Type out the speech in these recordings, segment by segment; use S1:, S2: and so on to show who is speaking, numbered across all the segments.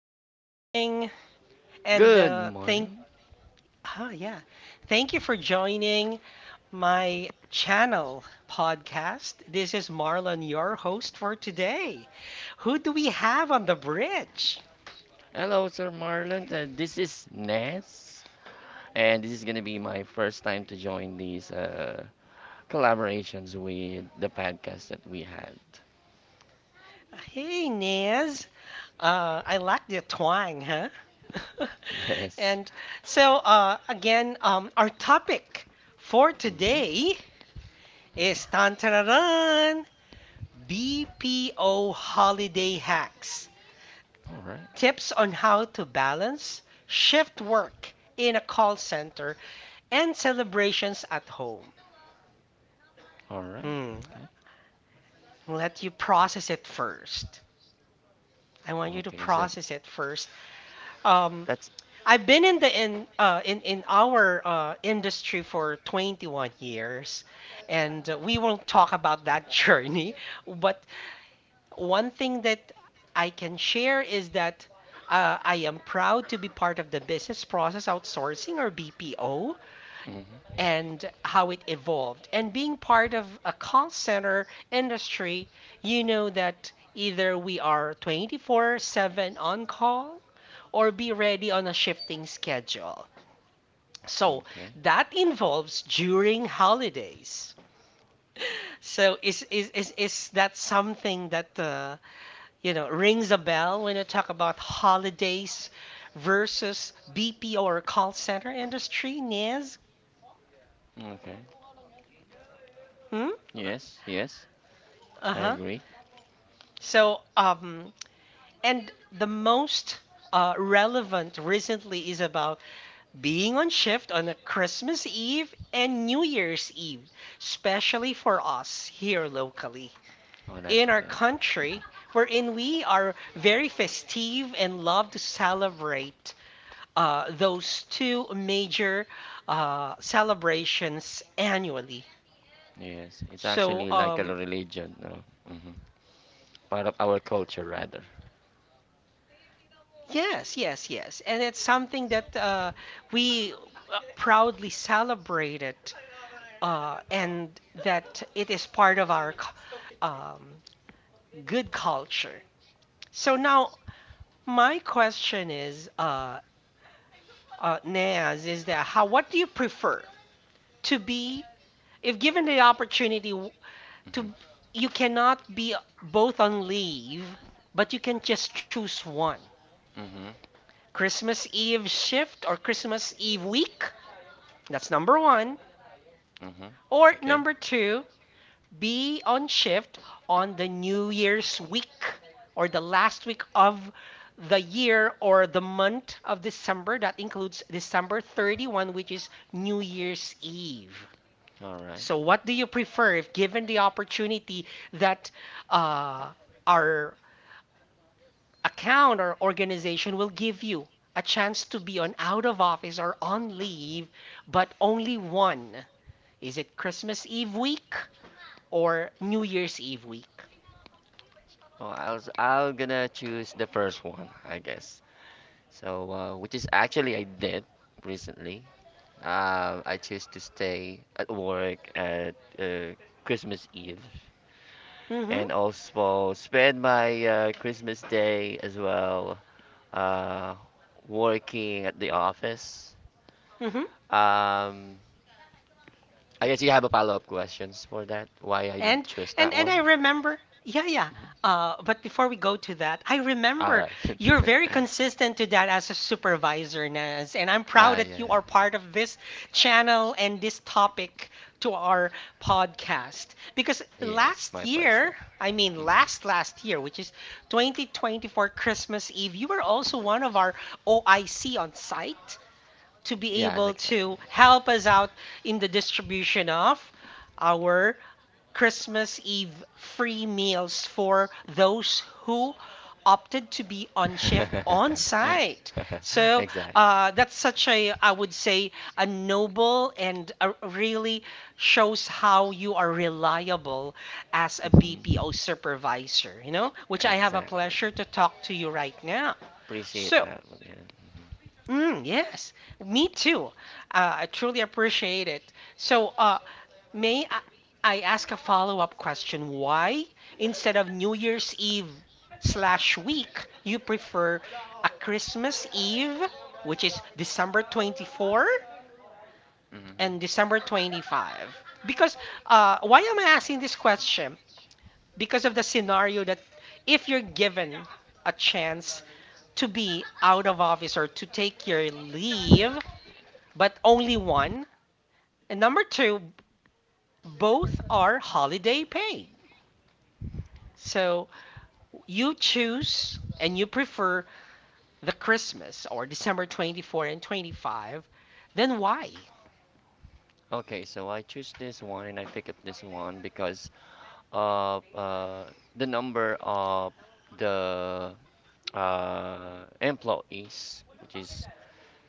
S1: Good morning. And
S2: Good
S1: thank
S2: morning.
S1: oh yeah. Thank you for joining my channel podcast. This is Marlon, your host for today. Who do we have on the bridge?
S2: Hello, Sir Marlon. This is Ness, and this is going to be my first time to join these collaborations with the podcast that we had.
S1: Hey, Nez. I like the twang, huh?
S2: Yes.
S1: And our topic for
S2: Mm-hmm.
S1: today is tan BPO Holiday Hacks,
S2: All right.
S1: tips on how to balance shift work in a call center and celebrations at home.
S2: All right.
S1: Hmm,
S2: Okay.
S1: I'll let you process it first. I want you to
S2: Okay. So
S1: process it first. Um,
S2: that's.
S1: I've been in the in our industry for 21 years, and we won't talk about that journey. But one thing that I can share is that I am proud to be part of the business process outsourcing, or BPO,
S2: Mm-hmm.
S1: and how it evolved. And being part of a call center industry, you know that either we are 24/7 on call or be ready on a shifting schedule. So
S2: Okay.
S1: that involves during holidays. So is that something that you know, rings a bell when you talk about holidays versus BPO or call center industry, Niz?
S2: Okay.
S1: Hmm?
S2: Yes. Yes. I
S1: Uh-huh.
S2: agree.
S1: So, and the most relevant recently is about being on shift on a Christmas Eve and New Year's Eve, especially for us here locally.
S2: Oh, that's
S1: In our
S2: good.
S1: country, wherein we are very festive and love to celebrate those two major celebrations annually.
S2: Yes. It's
S1: So,
S2: actually like a religion, no? Mm-hmm. Part of our culture, rather.
S1: yes, yes, yes. And it's something that we proudly celebrate it, and that it is part of our um, good culture. So now, my question is, Naz, is that how? What do you prefer to be, if given the opportunity? To,
S2: Mm-hmm.
S1: you cannot be both on leave, but you can just choose one.
S2: Mm-hmm.
S1: Christmas Eve shift or Christmas Eve week. That's number one.
S2: Mm-hmm.
S1: Or
S2: Okay.
S1: number two, be on shift on the New Year's week or the last week of the year or the month of December. That includes December 31, which is New Year's Eve.
S2: All right.
S1: So, what do you prefer if given the opportunity that uh, our account or organization will give you a chance to be on out of office or on leave, but only one. Is it Christmas Eve week or New Year's Eve week?
S2: Oh, I'll gonna choose the first one, I guess. So, which is actually I did recently. I choose to stay at work at Christmas Eve,
S1: Mm-hmm.
S2: and also spend my Christmas Day as well uh, working at the office.
S1: Mm-hmm.
S2: Um, I guess you have a follow-up questions for that. Why I did
S1: And
S2: choose
S1: and
S2: that
S1: and I
S2: one?
S1: remember, yeah, yeah.
S2: Mhm.
S1: But before we go to that, I
S2: All
S1: remember
S2: right.
S1: you're very consistent to that as a supervisor, Naz, and I'm proud
S2: I
S1: that you are part of this channel and this topic to our podcast. Because
S2: yes, it's
S1: last
S2: my pleasure.
S1: year, I mean
S2: Hmm.
S1: last year, which is 2024 Christmas Eve, you were also one of our OIC on site to be
S2: Yes,
S1: able
S2: exactly.
S1: to help us out in the distribution of our Christmas Eve free meals for those who opted to be on shift on site. So
S2: Exactly.
S1: that's such a, I would say, a noble and a really shows how you are reliable as a
S2: Hmm.
S1: BPO supervisor, you know, which I have a
S2: Exactly.
S1: pleasure to talk to you right now.
S2: Appreciate
S1: So,
S2: that one, yeah.
S1: mm, yes, me too. I truly appreciate it. So, may I, I ask a follow-up question? Why, instead of New Year's Eve slash week, you prefer a Christmas Eve, which is December 24
S2: Hmm.
S1: and December 25? Because, why am I asking this question? Because of the scenario that if you're given a chance to be out of office or to take your leave, but only one. And number two, both are holiday paid. So you choose and you prefer the Christmas or December 24 and 25, then why?
S2: Okay, so I choose this one and I pick up this one because of the number of the employees, which is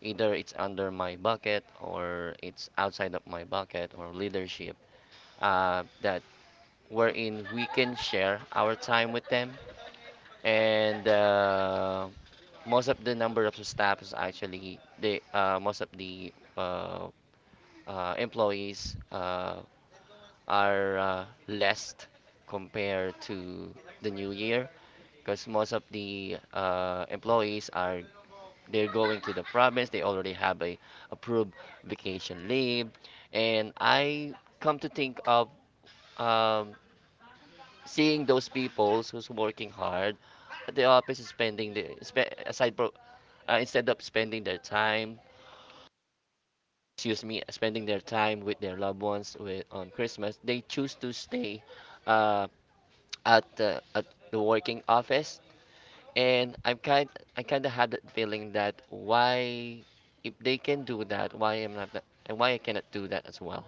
S2: either it's under my bucket or it's outside of my bucket or leadership, that wherein we can share our time with them and most of the number of staffs actually they most of the uh, employees are less compared to the new year because most of the employees are they're going to the province they already have a approved vacation leave and I come to think of um, seeing those people who's working hard at the office is spending the instead of spending their time excuse me, spending their time with their loved ones with, on Christmas, they choose to stay uh, at the working office, and I kind of had that feeling that why if they can do that, why am not that, and why I cannot do that as well.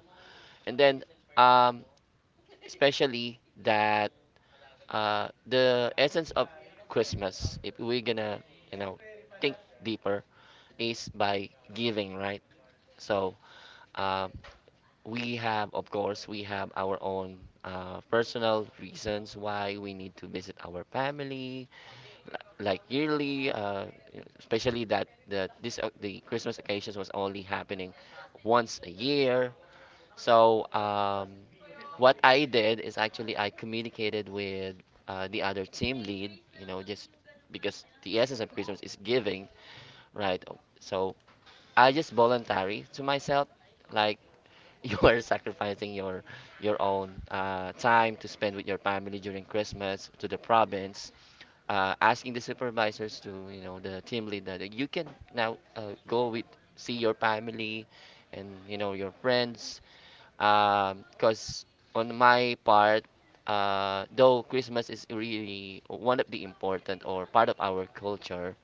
S2: And then um, especially that the essence of Christmas, if we're gonna you know think deeper, is by giving, right? So. Um, we have, of course, we have our own personal reasons why we need to visit our family, like yearly, especially that the the Christmas occasions was only happening once a year. So what I did is actually I communicated with the other team lead, you know, just because the essence of Christmas is giving, right? So I just voluntary to myself. Like you are sacrificing your your own time to spend with your family during Christmas to the province, asking the supervisors to you know the team lead that you can now go with see your family and you know your friends. Because on my part, though Christmas is really one of the important or part of our culture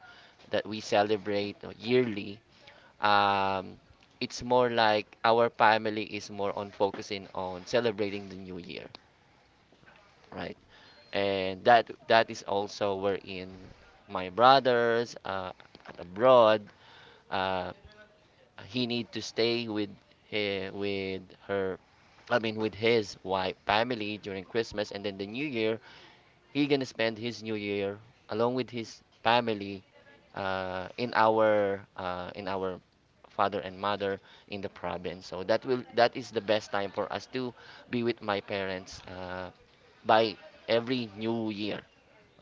S2: that we celebrate yearly um, it's more like our family is more on focusing on celebrating the new year, right? And that is also wherein my brothers at abroad, uh, he need to stay with he, with her. I mean, with his wife family during Christmas, and then the New Year, he gonna spend his New Year along with his family in our father and mother in the province. So that is the best time for us to be with my parents by every New Year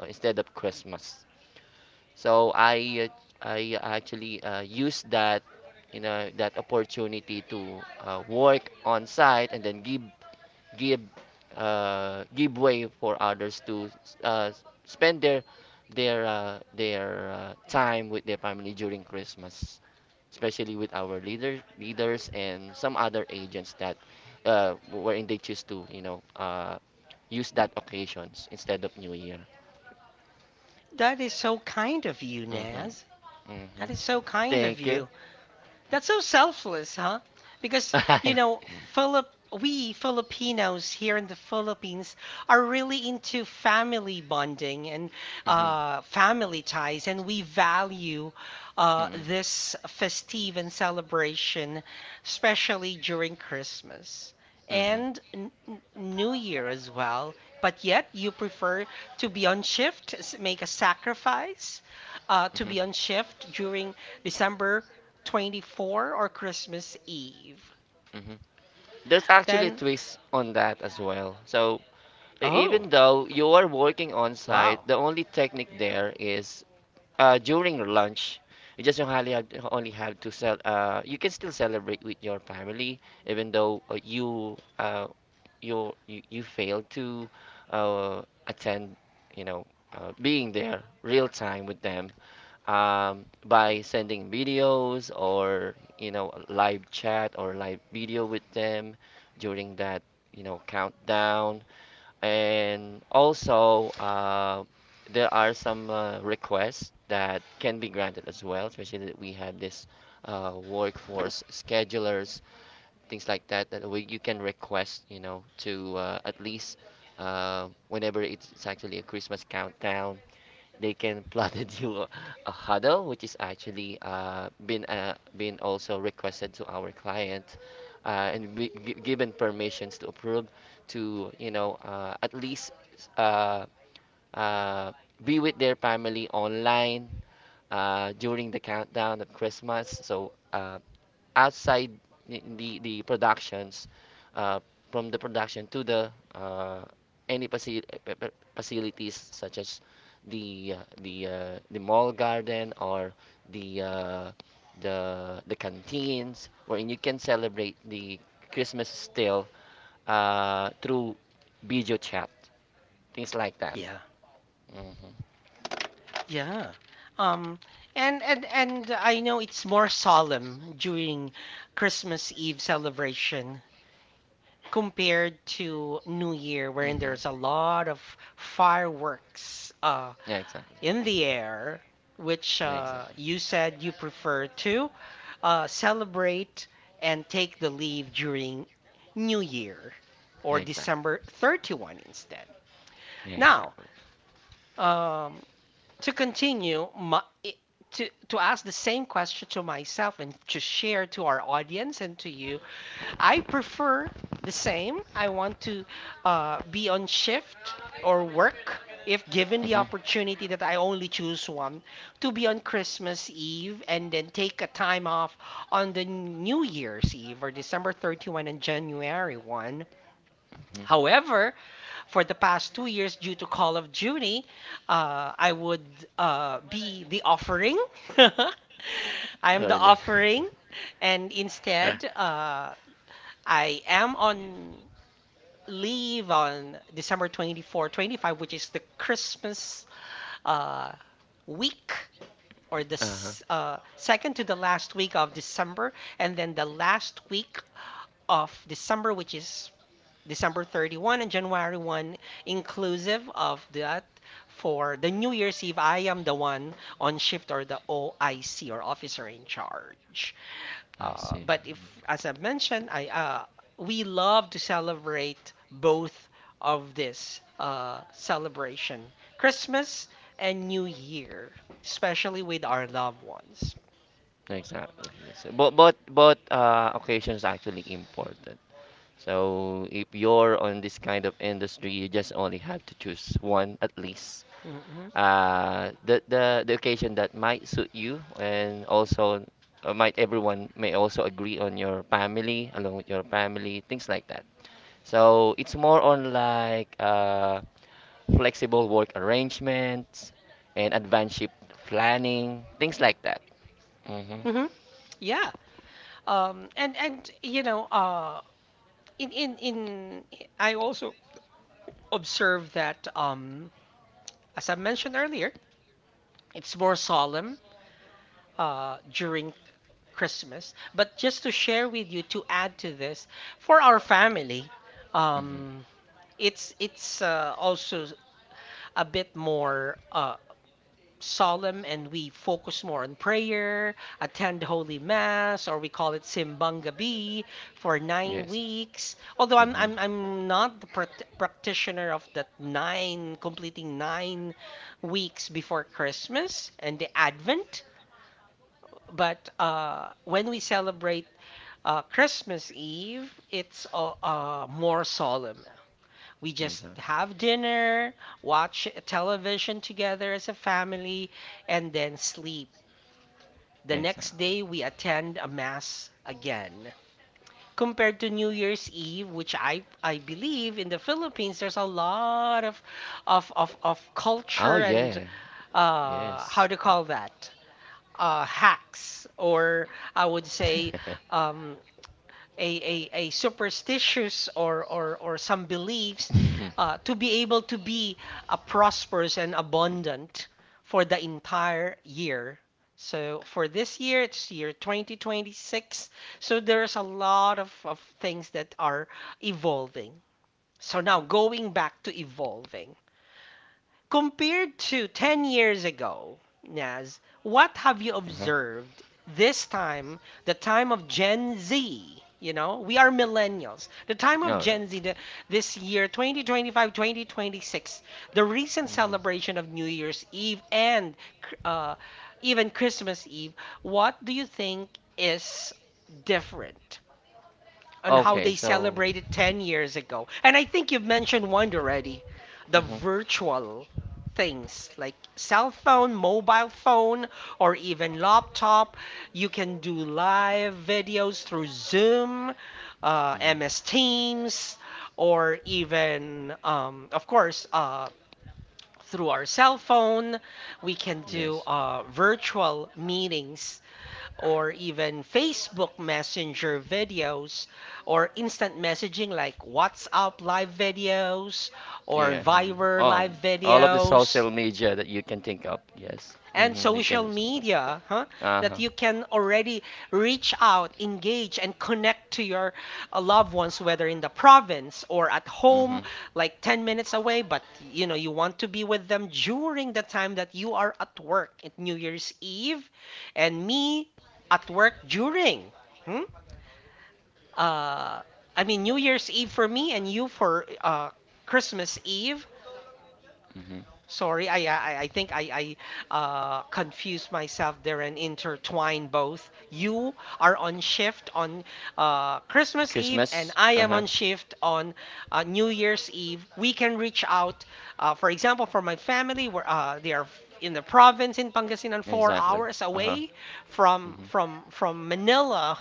S2: instead of Christmas. So I actually use that you know that opportunity to work on site and then give give way for others to uh, spend their time with their family during Christmas, especially with our leaders and some other agents that wherein they choose to you know use that occasions instead of New Year.
S1: That is so kind of you, Naz.
S2: Mm-hmm. Mm-hmm.
S1: That is so kind of
S2: Thank you.
S1: you. That's so selfless, huh? Because, you
S2: Bye.
S1: know, Philip we Filipinos here in the Philippines are really into family bonding and
S2: Mm-hmm.
S1: family ties, and we value
S2: Mm-hmm.
S1: this festive and celebration, especially during Christmas
S2: Mm-hmm.
S1: and New Year as well. But yet, you prefer to be on shift, make a sacrifice to be on shift during December 24 or Christmas Eve.
S2: Mm-hmm. There's actually a
S1: Then
S2: twist on that as well. So
S1: oh,
S2: even though you are working on site,
S1: wow.
S2: the only technique there is during lunch, you just don't only have to sell. You can still celebrate with your family, even though you failed to uh, attend. You know, being there real time with them by sending videos or you know live chat or live video with them during that you know countdown and also, there are some requests that can be granted as well, especially that we have this workforce schedulers, things like that, that you can request, you know, to at least whenever it's actually a Christmas countdown they can plotted you a huddle, which is actually been also requested to our client, and given permissions to approve to you know at least uh, uh, be with their family online during the countdown of Christmas. So outside the productions uh, from the production to the any facilities such as the mall garden or the uh, the canteens wherein you can celebrate the Christmas still through video chat things like that.
S1: Yeah,
S2: Mhm.
S1: yeah. Um and and I know it's more solemn during Christmas Eve celebration compared to New Year, wherein
S2: Mhm.
S1: there's a lot of fireworks
S2: Yeah, exactly.
S1: in the air, which
S2: Yeah, exactly.
S1: you said you prefer to celebrate and take the leave during New Year
S2: Yeah,
S1: or
S2: exactly.
S1: December 31 instead.
S2: Yeah,
S1: Now,
S2: exactly.
S1: um, to continue, to ask the same question to myself and to share to our audience and to you, I prefer the same. I want to be on shift or work if given the
S2: Mhm.
S1: opportunity that I only choose one to be on Christmas Eve and then take a time off on the New Year's Eve or December 31 and January 1.
S2: Mhm.
S1: However, for the past 2 years due to Call of Duty, I would be the offering. I am
S2: Oh,
S1: the
S2: really?
S1: offering, and instead, I am on leave on December 24, 25, which is the Christmas uh, week or the
S2: Uh-huh.
S1: second to the last week of December, and then the last week of December, which is December 31 and January 1, inclusive of that for the New Year's Eve, I am the one on shift or the OIC or officer in charge.
S2: I see.
S1: But if, as I've mentioned, I we love to celebrate both of this celebration, Christmas and New Year, especially with our loved ones.
S2: Exactly. Yes. But occasions actually important. So if you're on this kind of industry, you just only have to choose one at least.
S1: hmm
S2: The occasion that might suit you, and also might everyone may also agree on your family, along with your family, things like that. So it's more on like flexible work arrangements and advanced shift planning, things like that. Mm-hmm.
S1: hmm Yeah. And you know, in I also observe that as I mentioned earlier, it's more solemn during Christmas. But just to share with you to add to this, for our family,
S2: Mm-hmm.
S1: um it's also a bit more solemn and we focus more on prayer, attend Holy Mass, or we call it Simbang Gabi for nine
S2: Yes.
S1: weeks. Although
S2: Mhm.
S1: I'm not the practitioner of that nine, completing 9 weeks before Christmas and the Advent. But when we celebrate Christmas Eve, it's more solemn. We just
S2: Exactly.
S1: have dinner, watch television together as a family, and then sleep. The next
S2: Exactly.
S1: day we attend a mass again. Compared to New Year's Eve, which I believe in the Philippines, there's a lot of of
S2: Oh
S1: culture
S2: yeah.
S1: and how
S2: Yes.
S1: to call that hacks, or I would say um, a superstitious or some beliefs
S2: Uh-huh.
S1: to be able to be a prosperous and abundant for the entire year. So for this year, it's year 2026. So there's a lot of things that are evolving. So now going back to evolving. Compared to 10 years ago, Naz, what have you observed this time, the time of Gen Z? You know, we are millennials. The time of
S2: All right.
S1: Gen Z the, this year, 2025, 2026, the recent
S2: Mhm.
S1: celebration of New Year's Eve and uh, even Christmas Eve, what do you think is different on how
S2: Okay.
S1: they
S2: So.
S1: celebrated 10 years ago? And I think you've mentioned one already, the
S2: Mhm.
S1: virtual things like cell phone, mobile phone, or even laptop. You can do live videos through Zoom, MS Teams, or even, of course, through our cell phone. We can do
S2: Yes.
S1: virtual meetings or even Facebook Messenger videos or instant messaging like WhatsApp live videos or
S2: Yeah. mhm.
S1: Viber
S2: Um.
S1: live
S2: All of the
S1: videos
S2: social media that you can think of. Yes.
S1: and
S2: Mhm. You can
S1: social
S2: use them.
S1: media, huh,
S2: Uh
S1: that
S2: huh.
S1: you can already reach out, engage, and connect to your loved ones, whether in the province or at home,
S2: Mhm.
S1: like 10 minutes away, but you know, you want to be with them during the time that you are at work at New Year's Eve, and me at work during. Hmm? Uh, I mean, New Year's Eve for me and you for Christmas Eve.
S2: Mhm.
S1: Sorry, I think I confused myself there and intertwined both. You are on shift on Christmas Eve, and
S2: Christmas.
S1: I
S2: Uh
S1: am
S2: huh.
S1: on shift on New Year's Eve. We can reach out, for example, for my family, where they are in the province in Pangasinan, four
S2: Exactly.
S1: hours
S2: Uh huh.
S1: away from
S2: Mhm.
S1: Manila,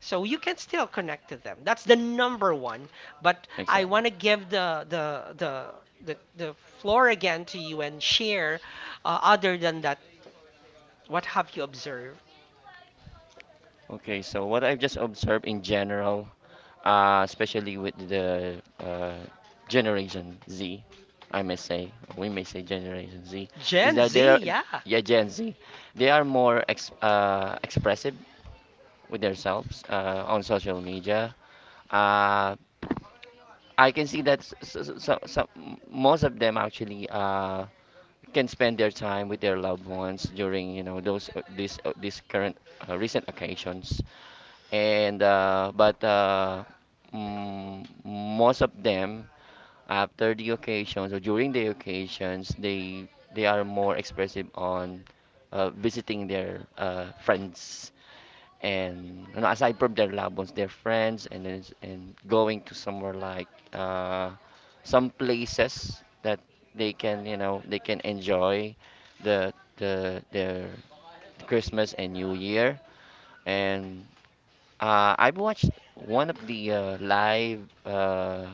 S1: so you can still connect to them. That's the number one. But I
S2: Exactly.
S1: want to give the floor again to you and share other than that, what have you observed?
S2: Okay. So what I've just observed in general especially with the Generation Z, we may say Generation Z,
S1: Gen
S2: is
S1: Z,
S2: that they're,
S1: yeah.
S2: yeah, Gen Z, they are more ex expressive with themselves on social media. Uh, I can see that most of them actually can spend their time with their loved ones during, you know, those this this current recent occasions and most of them after the occasions or during the occasions they are more expressive on visiting their friends and you know, aside from their loved ones their friends and then and going to somewhere like uh, some places that they can you know they can enjoy the their Christmas and New Year and I've watched one of the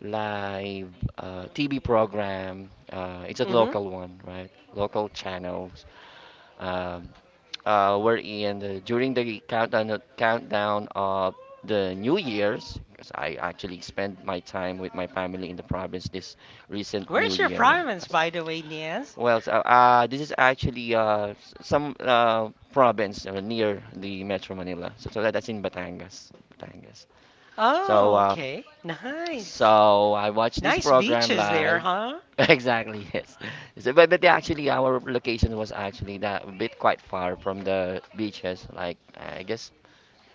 S2: live TV program. It's a
S1: Mm-hmm.
S2: local one, right? Local channels. Um, we're in the, during the countdown of the New Year's. 'Cause I actually spent my time with my family in the province this recent New
S1: Where's your
S2: Year.
S1: province,
S2: as-
S1: by the way, Niaz?
S2: Well, so, this is actually some province near the Metro Manila. So that's in Batangas. Batangas. So
S1: Oh, okay, nice.
S2: so I watched this
S1: Nice
S2: program
S1: beaches there,
S2: live.
S1: huh?
S2: Exactly, yes. So, but actually our location was actually that a bit quite far from the beaches. Like I guess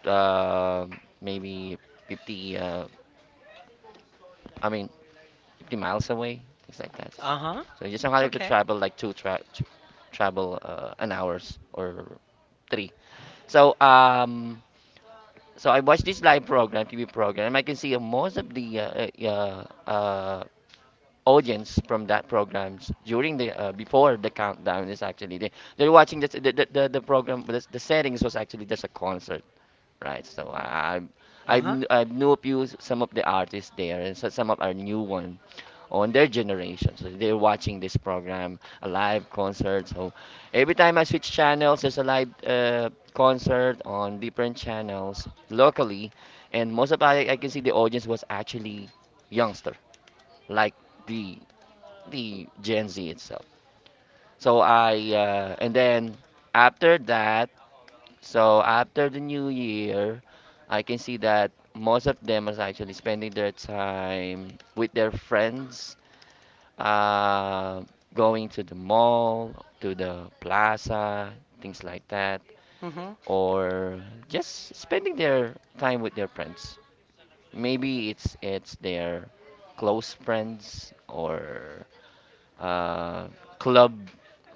S2: uh, maybe 50. Uh, I mean 50 miles away, things like that.
S1: Uh-huh.
S2: So you somehow have to
S1: Okay.
S2: travel like travel an hours or three. So so I watched this live program, TV program, and I can see most of the audience from that programs during the before the countdown is actually they're watching this, the program the settings was actually just a concert right so
S1: Uh-huh.
S2: I knew a few some of the artists there and so some of our new one on their generation so they're watching this program a live concert so every time I switch channels there's a live concert on different channels locally and most of I can see the audience was actually youngster like the the Gen Z itself. So I and then after that, so after the new year, I can see that most of them is actually spending their time with their friends, uh, going to the mall, to the plaza, things like that,
S1: Mm-hmm.
S2: or just spending their time with their friends. Maybe it's their close friends or uh, club,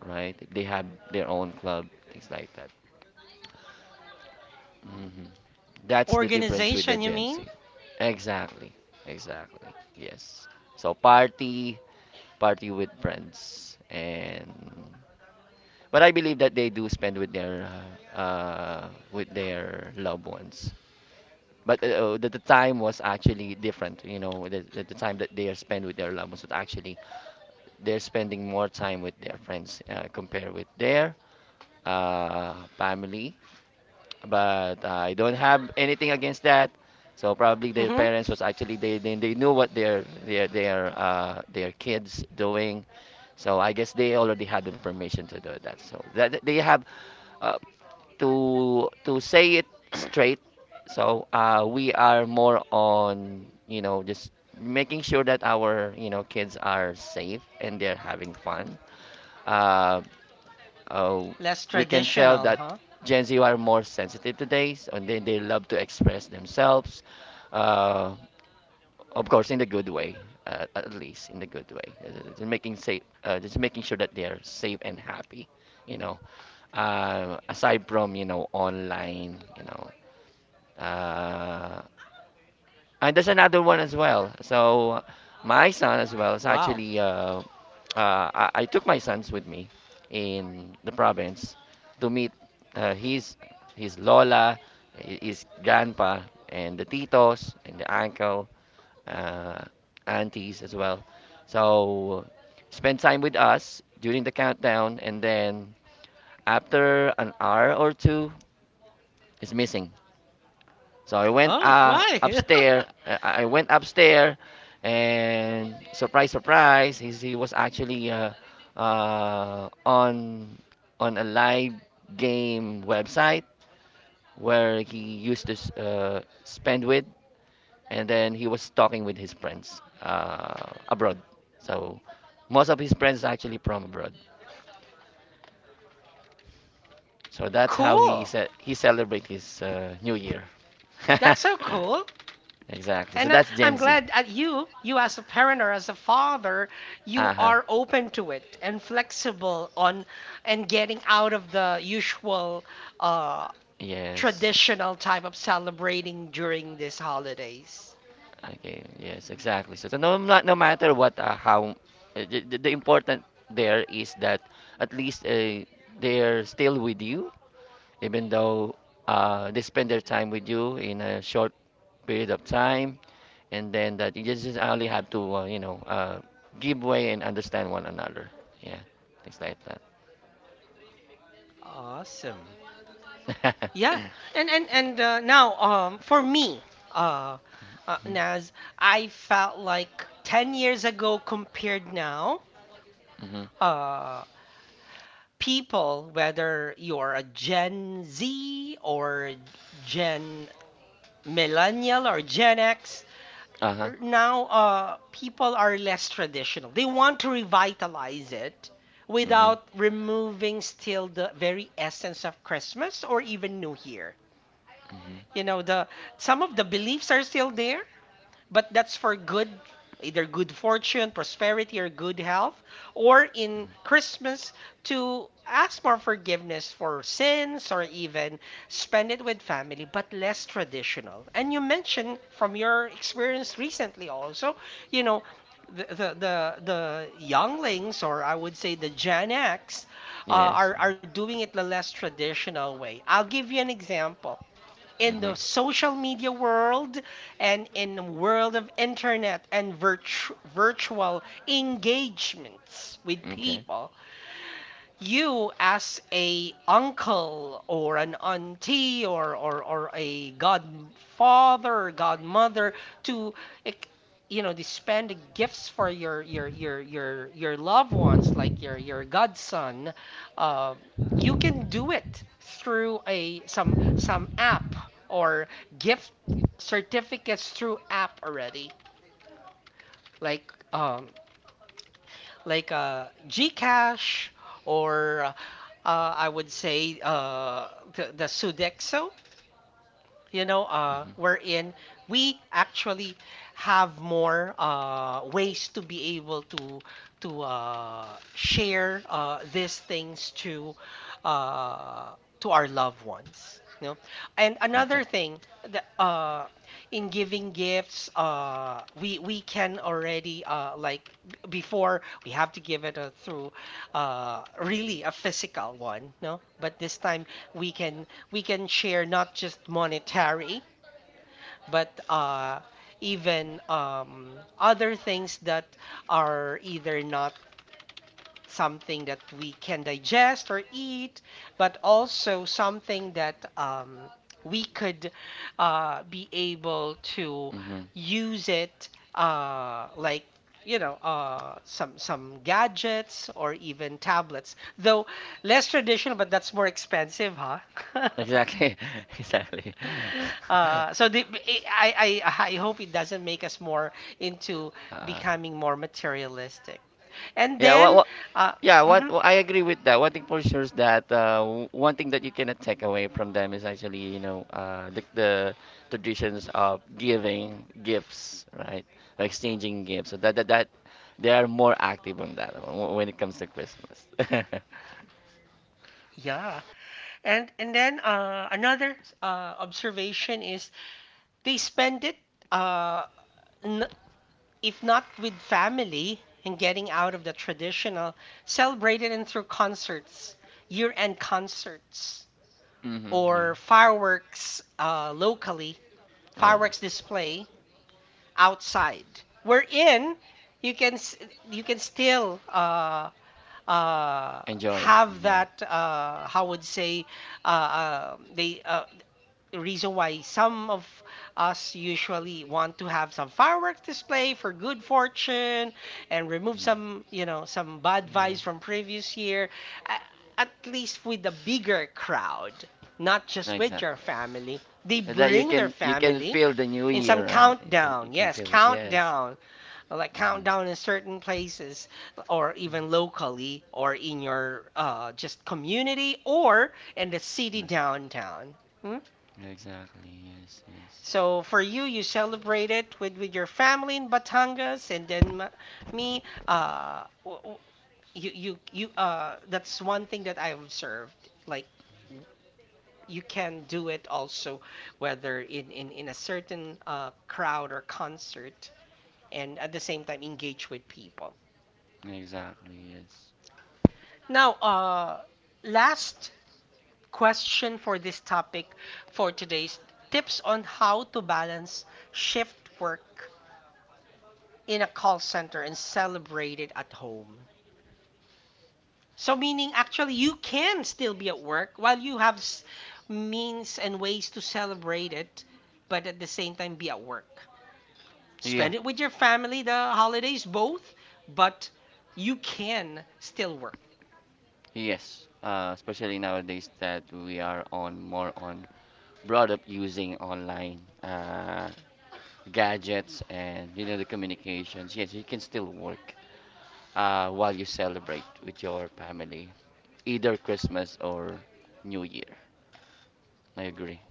S2: right? They have their own club, things like that. Hmm. That's the difference with the
S1: Organization, you
S2: Gen
S1: mean.
S2: Z. Exactly, exactly. Yes. So party, party with friends, and but I believe that they do spend with their loved ones. But the time was actually different, you know, the time that they are spent with their loved ones was actually they're spending more time with their friends compared with their family, but I don't have anything against that. So probably their
S1: Mm-hmm.
S2: parents was actually they knew what their kids doing. So I guess they already had the permission to do that. So that they have uh, to say it straight. So we are more on, you know, just making sure that our, you know, kids are safe and they're having fun. Uh, uh,
S1: Less
S2: we can tell
S1: traditional,
S2: that
S1: huh?
S2: Gen Z are more sensitive today, so and then they love to express themselves. Uh, of course, in the good way, at least in the good way. Just making safe, just making sure that they are safe and happy. You know, aside from, you know, online, you know, uh, and there's another one as well. So my son as well is
S1: Wow.
S2: actually I took my sons with me in the province to meet his his lola, his grandpa, and the titos and the uncle, uh, aunties as well. So spend time with us during the countdown, and then after an hour or two is missing. So I went
S1: Oh, why?
S2: upstairs. I went upstairs, and surprise, surprise, he was actually on a live game website where he used to spend with, and then he was talking with his friends abroad. So most of his friends are actually from abroad. So that's how he
S1: Cool.
S2: said he celebrate his New Year.
S1: That's so cool.
S2: Exactly. So
S1: And
S2: that's
S1: I'm
S2: Gen Z.
S1: glad that you as a parent or as a father,
S2: Uh
S1: you
S2: huh.
S1: are open to it and flexible on and getting out of the usual uh,
S2: Yes.
S1: traditional type of celebrating during these holidays.
S2: Okay, yes, exactly. So no matter what, how the important there is that at least they're still with you, even though they spend their time with you in a short period of time, and then that you just only have to, you know, give way and understand one another. Yeah, things like that.
S1: Awesome. Yeah. And now for me, uh, Naz, I felt like 10 years ago compared now,
S2: Mm-hmm.
S1: uh people, whether you're a Gen Z or Gen Millennial or Gen X,
S2: Uh-huh.
S1: now people are less traditional. They want to revitalize it
S2: Mm-hmm.
S1: without removing still the very essence of Christmas or even New Year. You
S2: Mm-hmm.
S1: know, the some of the beliefs are still there, but that's for good, either good fortune, prosperity, or good health, or in Christmas to ask more forgiveness for sins or even spend it with family, but less traditional. And you mentioned from your experience recently also, you know, the younglings, or I would say the Gen X,
S2: Yes.
S1: are doing it the less traditional way. I'll give you an example in
S2: Mm-hmm.
S1: the social media world and in the world of internet and virtual engagements with
S2: Okay.
S1: people. You as a uncle or an auntie, or a godfather, godmother to ec- spend gifts for your loved ones, like your godson. uh, you can do it through a some app, or gift certificates through app already, like Gcash, or I would say the Sudexo, you know, wherein we actually have more ways to be able to share these things to, uh, to our loved ones. You know? And
S2: Okay.
S1: another thing that, in giving gifts, we can already, like, before we have to give it a, through, really a physical one, no? But this time we can, we can share not just monetary, but, even, other things that are either not something that we can digest or eat, but also something that, we could, be able to
S2: Mm-hmm.
S1: use it, like, some gadgets or even tablets, though less traditional, but that's more expensive, huh?
S2: Exactly, exactly.
S1: So the, I hope it doesn't make us more into
S2: Uh,
S1: becoming more materialistic. And
S2: yeah,
S1: then, uh,
S2: yeah,
S1: mhm,
S2: I agree with that. One thing for sure is that one thing that you cannot take away from them is actually, you know, the traditions of giving gifts, right? Or exchanging gifts. So that they are more active on that when it comes to Christmas.
S1: yeah, and then, another, observation is they spend it, uh, n if not with family, and getting out of the traditional, celebrated and through concerts, year-end concerts
S2: Hmm, yeah.
S1: or fireworks, locally,
S2: Oh yeah.
S1: fireworks display outside. Wherein you can you can still, uh,
S2: Enjoy.
S1: have
S2: Mm-hmm. Yeah.
S1: that, how would say, uh, uh, they uh, the reason why some of us usually want to have some fireworks display for good fortune and remove
S2: Mhm,
S1: some, you know, some bad
S2: yeah.
S1: vibes from previous year. A- At least with a bigger crowd, not just with your
S2: Exactly.
S1: family. They
S2: So that you
S1: bring their
S2: can
S1: family
S2: feel the new
S1: in some
S2: year, right? You can
S1: countdown. Yes,
S2: feel it. Yes.
S1: countdown. Like countdown in
S2: Mm-hmm.
S1: certain places or even locally, or in your, just community or in the city downtown. Hmm?
S2: Yeah, exactly. Yes. Yes.
S1: So for you, you celebrate it with your family in Batangas, and then me, uh, w- w- you that's one thing that I observed. Like you can do it also whether in a certain, crowd or concert, and at the same time engage with people.
S2: Exactly. Yes.
S1: Now, last question for this topic, for today's tips on how to balance shift work in a call center and celebrate it at home. So, meaning actually, you can still be at work while you have means and ways to celebrate it, but at the same time, be at work.
S2: Yeah.
S1: Spend it with your family, the holidays, both, but you can still work.
S2: Yes. Especially nowadays that we are on more on brought up using online gadgets and, you know, the communications. Yes, you can still work while you celebrate with your family, either Christmas or New Year. I agree.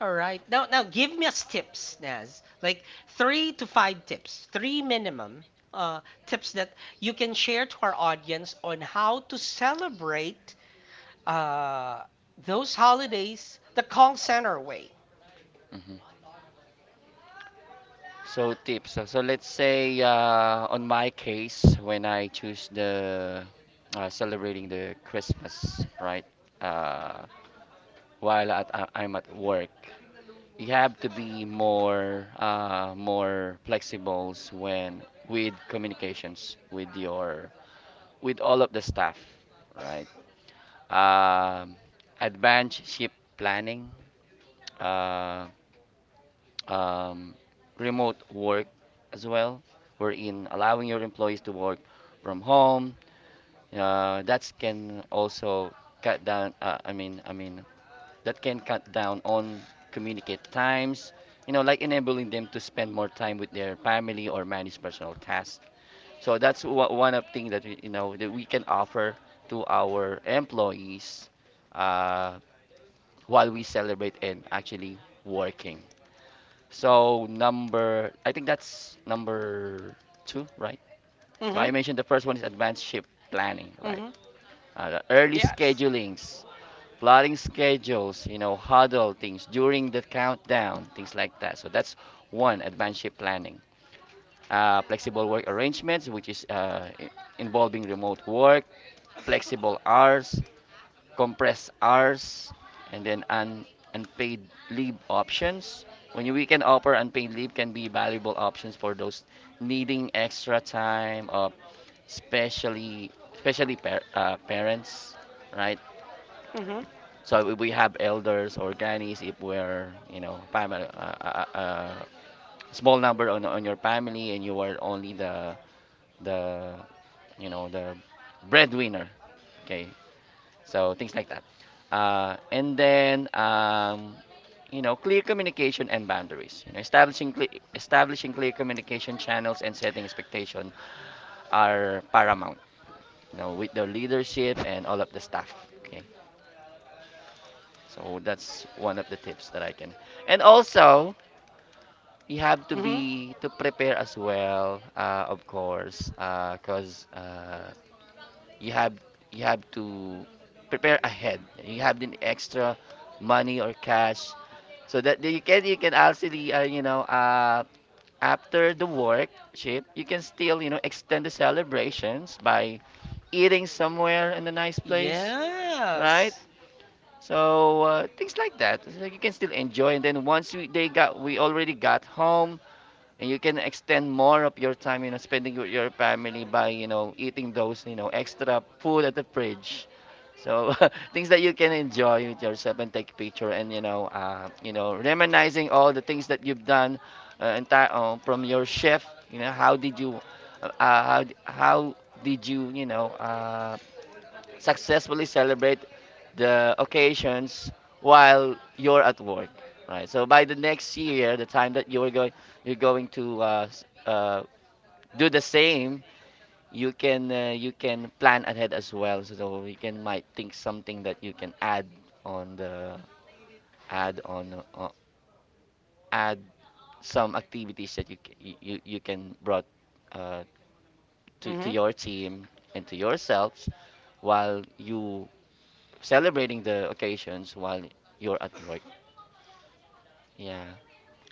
S1: All right. Now, give me us tips, Naz. Like three to five tips, three minimum, uh, tips that you can share to our audience on how to celebrate, uh, those holidays the call center way.
S2: Mm-hmm. So tips. So let's say on my case, when I choose the celebrating the Christmas, right? Uh, while at, I'm at work, you have to be more more flexible when with communications with your with all of the staff, right? Um, Advanced ship planning. Uh, um, Remote work as well, wherein allowing your employees to work from home. That can also cut down. I mean, that can cut down on communicate times. You know, like enabling them to spend more time with their family or manage personal tasks. So that's one of thing that we, you know, that we can offer to our employees uh, while we celebrate and actually working. So number, I think that's number two, right? So
S1: Mm-hmm.
S2: I mentioned the first one is advanced ship planning, right?
S1: Mm-hmm.
S2: The early
S1: Yes.
S2: schedulings, plotting schedules, you know, huddle things during the countdown, things like that. So that's one advanced ship planning. Flexible work arrangements, which is involving remote work, flexible hours, compressed hours, and then unpaid leave options. When we can offer unpaid leave can be valuable options for those needing extra time, of especially especially parents, right?
S1: Mm-hmm.
S2: So if we have elders or grannies, if we're, you know, family, small number on your family, and you are only the the you know, the breadwinner. Okay, so things like that. And then you know, clear communication and boundaries, you know, establishing clear communication channels and setting expectation are paramount, you know, with the leadership and all of the staff. Okay, so that's one of the tips that I can. And also, you have to
S1: Mm-hmm.
S2: be to prepare as well, of course, because you have to prepare ahead. You have the extra money or cash so that you can actually, you know, after the work shift, you can still, you know, extend the celebrations by eating somewhere in a nice place, right?
S1: Yes.
S2: So things like that. So you can still enjoy. And then they got, we already got home, and you can extend more of your time, you know, spending with your family by, you know, eating those, you know, extra food at the fridge. So things that you can enjoy with yourself and take picture and, you know, you know, reminiscing all the things that you've done, entire from your chef. You know, how did you how did you, you know, successfully celebrate the occasions while you're at work, right? So by the next year, the time that you're going to do the same. You can plan ahead as well, so you can might think something that you can add on the add on uh, add some activities that you can brought uh, to
S1: Mm-hmm.
S2: your team and to yourselves while you celebrating the occasions while you're at work. Yeah.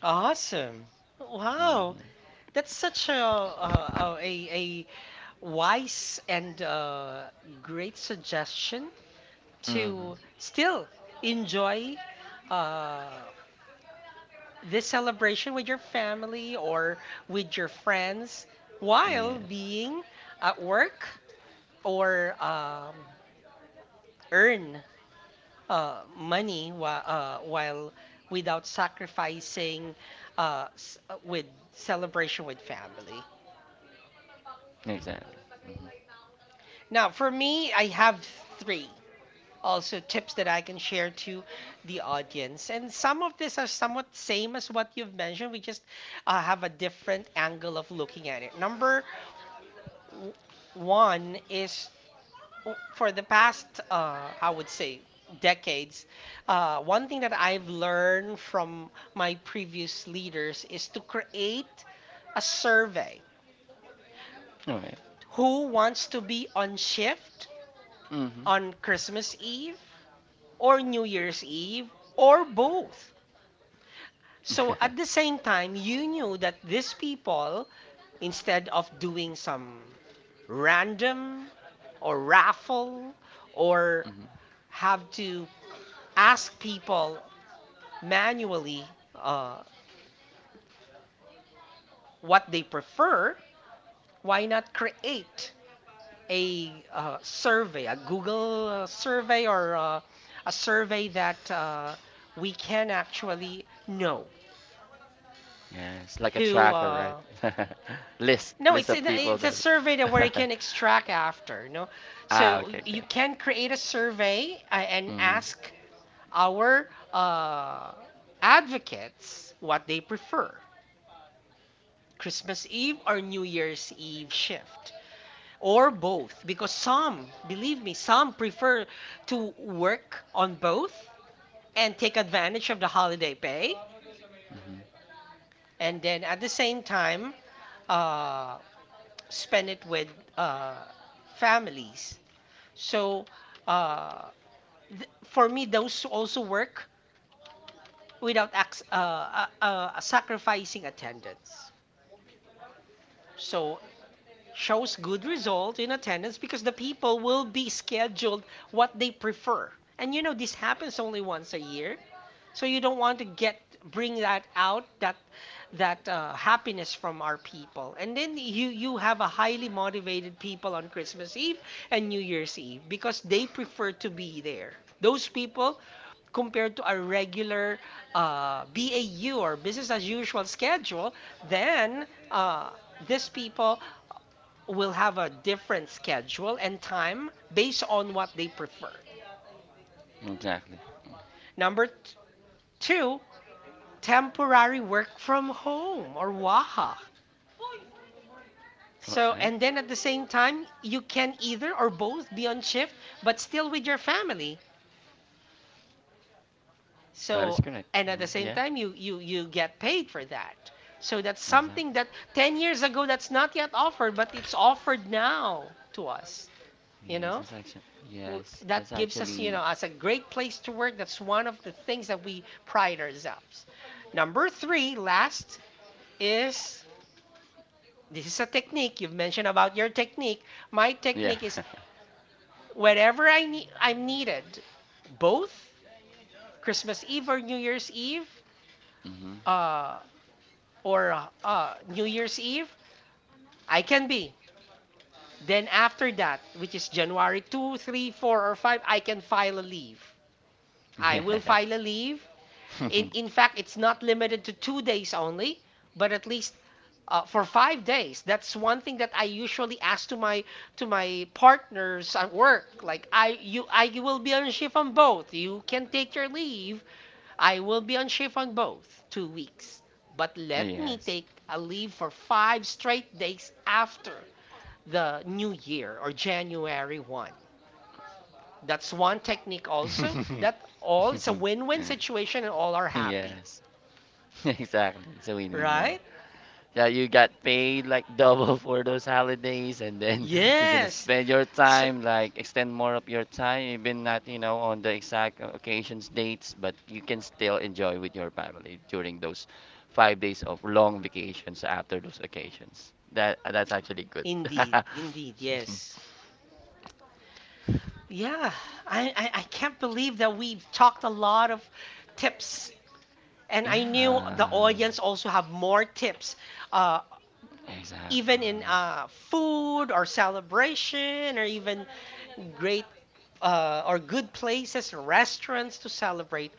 S1: Awesome. Wow.
S2: Mm-hmm.
S1: That's such a wise and, great suggestion.
S2: Mm-hmm.
S1: To still enjoy, uh, this celebration with your family or with your friends
S2: Yeah.
S1: while being at work, or, earn, while without sacrificing, s- with celebration with family.
S2: Exactly.
S1: Now, for me, I have three also tips that I can share to the audience. And some of these are somewhat same as what you've mentioned. We just, have a different angle of looking at it. Number w- one is, for the past, I would say, decades, one thing that I've learned from my previous leaders is to create a survey.
S2: All right.
S1: Who wants to be on shift
S2: Mm-hmm.
S1: on Christmas Eve or New Year's Eve or both?
S2: Mm-hmm.
S1: So at the same time, you knew that these people, instead of doing some random or raffle, or
S2: Mhm.
S1: have to ask people manually, what they prefer, why not create a, survey, a Google, survey, or, a survey that, we can actually know
S2: Yeah, it's like a
S1: who,
S2: tracker, right? List,
S1: No,
S2: list
S1: it's
S2: of people
S1: it's a survey that where you
S2: that.
S1: can extract after, you know.
S2: Ah,
S1: So
S2: okay, okay.
S1: you can create a survey, and
S2: Mm-hmm.
S1: ask our, advocates what they prefer, Christmas Eve or New Year's Eve shift, or both, because some, believe me, some prefer to work on both and take advantage of the holiday pay, and then at the same time, uh, spend it with, uh, families. So, uh, for me, those also work without sacrificing attendance. So shows good result in attendance, because the people will be scheduled what they prefer. And you know this happens only once a year. So you don't want to get bring that out, that happiness from our people. And then you, have a highly motivated people on Christmas Eve and New Year's Eve because they prefer to be there. Those people compared to our regular, BAU or business as usual schedule, then, these people will have a different schedule and time based on what they prefer.
S2: Exactly.
S1: Number two, temporary work from home, or WAHA.
S2: All
S1: So,
S2: right.
S1: and then at the same time, you can either or both be on shift, but still with your family.
S2: That is
S1: So,
S2: correct.
S1: and at
S2: Mhm.
S1: the same
S2: Yeah.
S1: time, you get paid for that. So that's something
S2: Exactly.
S1: that 10 years ago that's not yet offered, but it's offered now to us. You
S2: Yes,
S1: know,
S2: that's actually. Yes, that's
S1: That gives us, you
S2: actually.
S1: know, as a great place to work. That's one of the things that we pride ourselves. Number three, last, is this is a technique. You've mentioned about your technique, my
S2: Yeah.
S1: technique is whenever I'm needed both Christmas Eve or New Year's Eve,
S2: Mm-hmm.
S1: uh or New Year's Eve, I can be. Then after that, which is January 2, 3, 4, or 5, I will file
S2: Yes.
S1: a leave. In fact, it's not limited to 2 days only, but at least, for 5 days. That's one thing that I usually ask to my, to my partners at work. Like I will be on shift on both. You can take your leave. I will be on shift on both 2 weeks. But let me
S2: Yes.
S1: take a leave for five straight days after the new year, or January one. That's one technique also. That all, it's a win-win situation and all are happy,
S2: Yes. Exactly. It's a win-win, yeah.
S1: right?
S2: Yeah, you got paid like double for those holidays and then you're gonna
S1: Yes.
S2: spend your
S1: So
S2: time, like extend more of your time, even not, you know, on the exact occasions, dates, but you can still enjoy with your family during those 5 days of long vacations after those occasions. That that's actually good.
S1: indeed, indeed, yes. Yeah, I can't believe that we've talked a lot of tips, and I knew the
S2: Yeah.
S1: audience also have more tips, uh,
S2: Exactly.
S1: even in,
S2: Yes.
S1: food or celebration, or even great, or good places, restaurants to celebrate,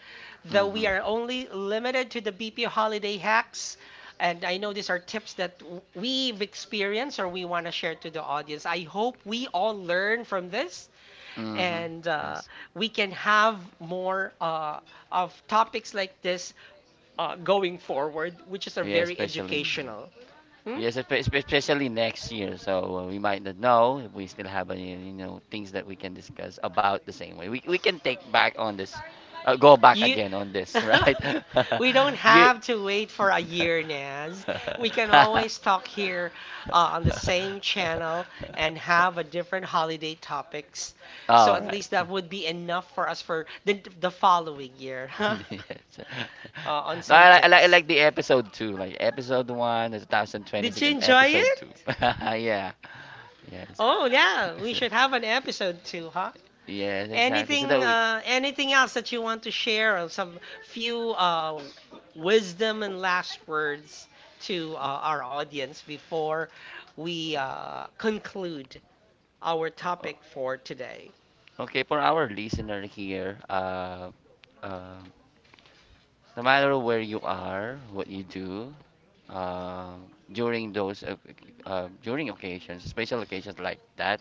S1: though
S2: Mm-hmm.
S1: we are only limited to the BP holiday hacks. And I know these are tips that, we've experienced or we want to share to the audience. I hope we all learn from this,
S2: Mm-hmm.
S1: and,
S2: Yes.
S1: we can have more, of topics like this, going forward, which is a
S2: Yeah,
S1: very
S2: especially.
S1: educational. Hmm?
S2: Yes, especially next year. So we might not know if we still have any, you know, things that we can discuss about the same way. We can take back on this, go back
S1: You
S2: again on this, right?
S1: We don't
S2: You.
S1: have to wait for a year, Naz. We can always talk here, on the same channel, and have a different holiday topics. So
S2: All
S1: at
S2: right.
S1: least that would be enough for us for the following year
S2: Yes.
S1: on
S2: No,
S1: some
S2: like I
S1: tips.
S2: like the episode two, like episode one is
S1: Did
S2: 2026
S1: you
S2: and
S1: enjoy
S2: episode two.
S1: it?
S2: Yeah. Yes.
S1: Oh, yeah. We should have an episode too, huh?
S2: Yes, exactly. So
S1: Anything,
S2: that we.
S1: anything else that you want to share? Or some few, wisdom and last words to, our audience before we, conclude our topic for today.
S2: Okay, for our listener here, uh, no matter where you are, what you do, uh, during those during occasions, special occasions like that,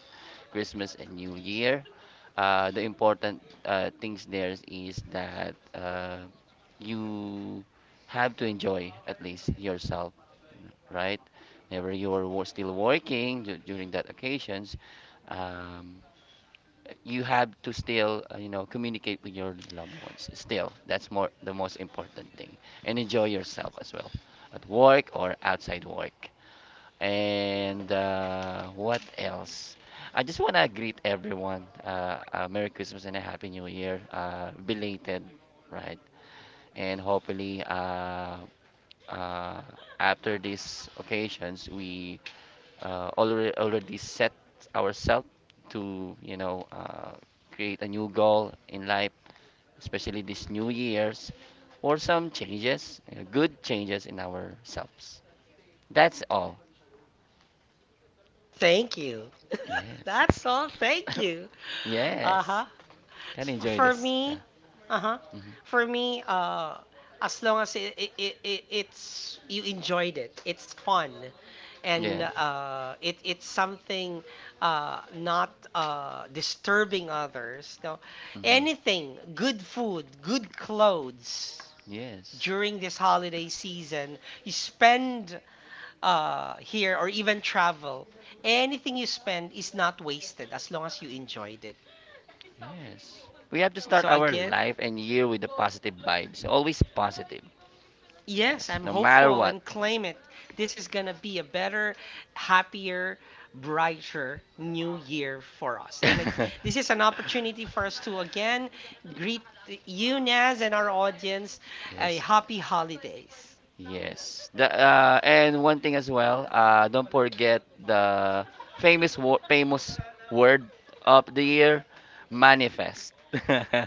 S2: Christmas and New Year, the important things there is that you have to enjoy at least yourself, right? Whenever you are still working during that occasions, um, you have to still you know, communicate with your loved ones still. That's more the most important thing. And enjoy yourself as well at work or outside work. And what else, I just want to greet everyone merry Christmas and a happy New Year, belated, right? And hopefully uh, after these occasions we already set ourselves to, you know, create a new goal in life, especially this new year's, or some changes, good changes in ourselves. That's all.
S1: Thank you.
S2: Yes.
S1: That's all. Thank you. Uh
S2: Yes.
S1: huh.
S2: Can
S1: For,
S2: enjoy
S1: for
S2: this. Yeah.
S1: me, uh huh.
S2: Hmm.
S1: For me, as long as it's you enjoyed it, it's fun. And,
S2: Yeah.
S1: it it's something, not, disturbing others. No,
S2: Hmm.
S1: anything, good food, good clothes
S2: Yes.
S1: during this holiday season, you spend, here or even travel. Anything you spend is not wasted as long as you enjoyed it.
S2: Yes. We have to start
S1: So
S2: our
S1: again.
S2: life and year with the positive vibes. Always positive.
S1: Yes,
S2: Yes.
S1: I'm
S2: No matter
S1: hopeful
S2: what.
S1: and claim it. This is going to be a better, happier, brighter new year for us. This is an opportunity for us to again greet you, Naz, and our audience a
S2: Yes.
S1: happy holidays.
S2: Yes. The and one thing as well, don't forget the famous word of the year, manifest.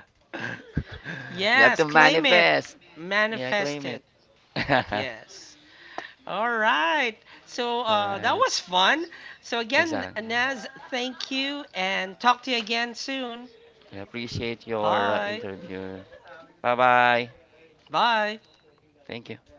S2: You have
S1: Yes,
S2: to
S1: claim it,
S2: manifest. Yeah,
S1: manifest
S2: claim it.
S1: it. Yes. All right. So,
S2: All
S1: that
S2: right.
S1: was fun. So again,
S2: Exactly.
S1: Naz, thank you and talk to you again soon.
S2: I appreciate your
S1: Bye.
S2: interview. Bye bye.
S1: Bye.
S2: Thank you.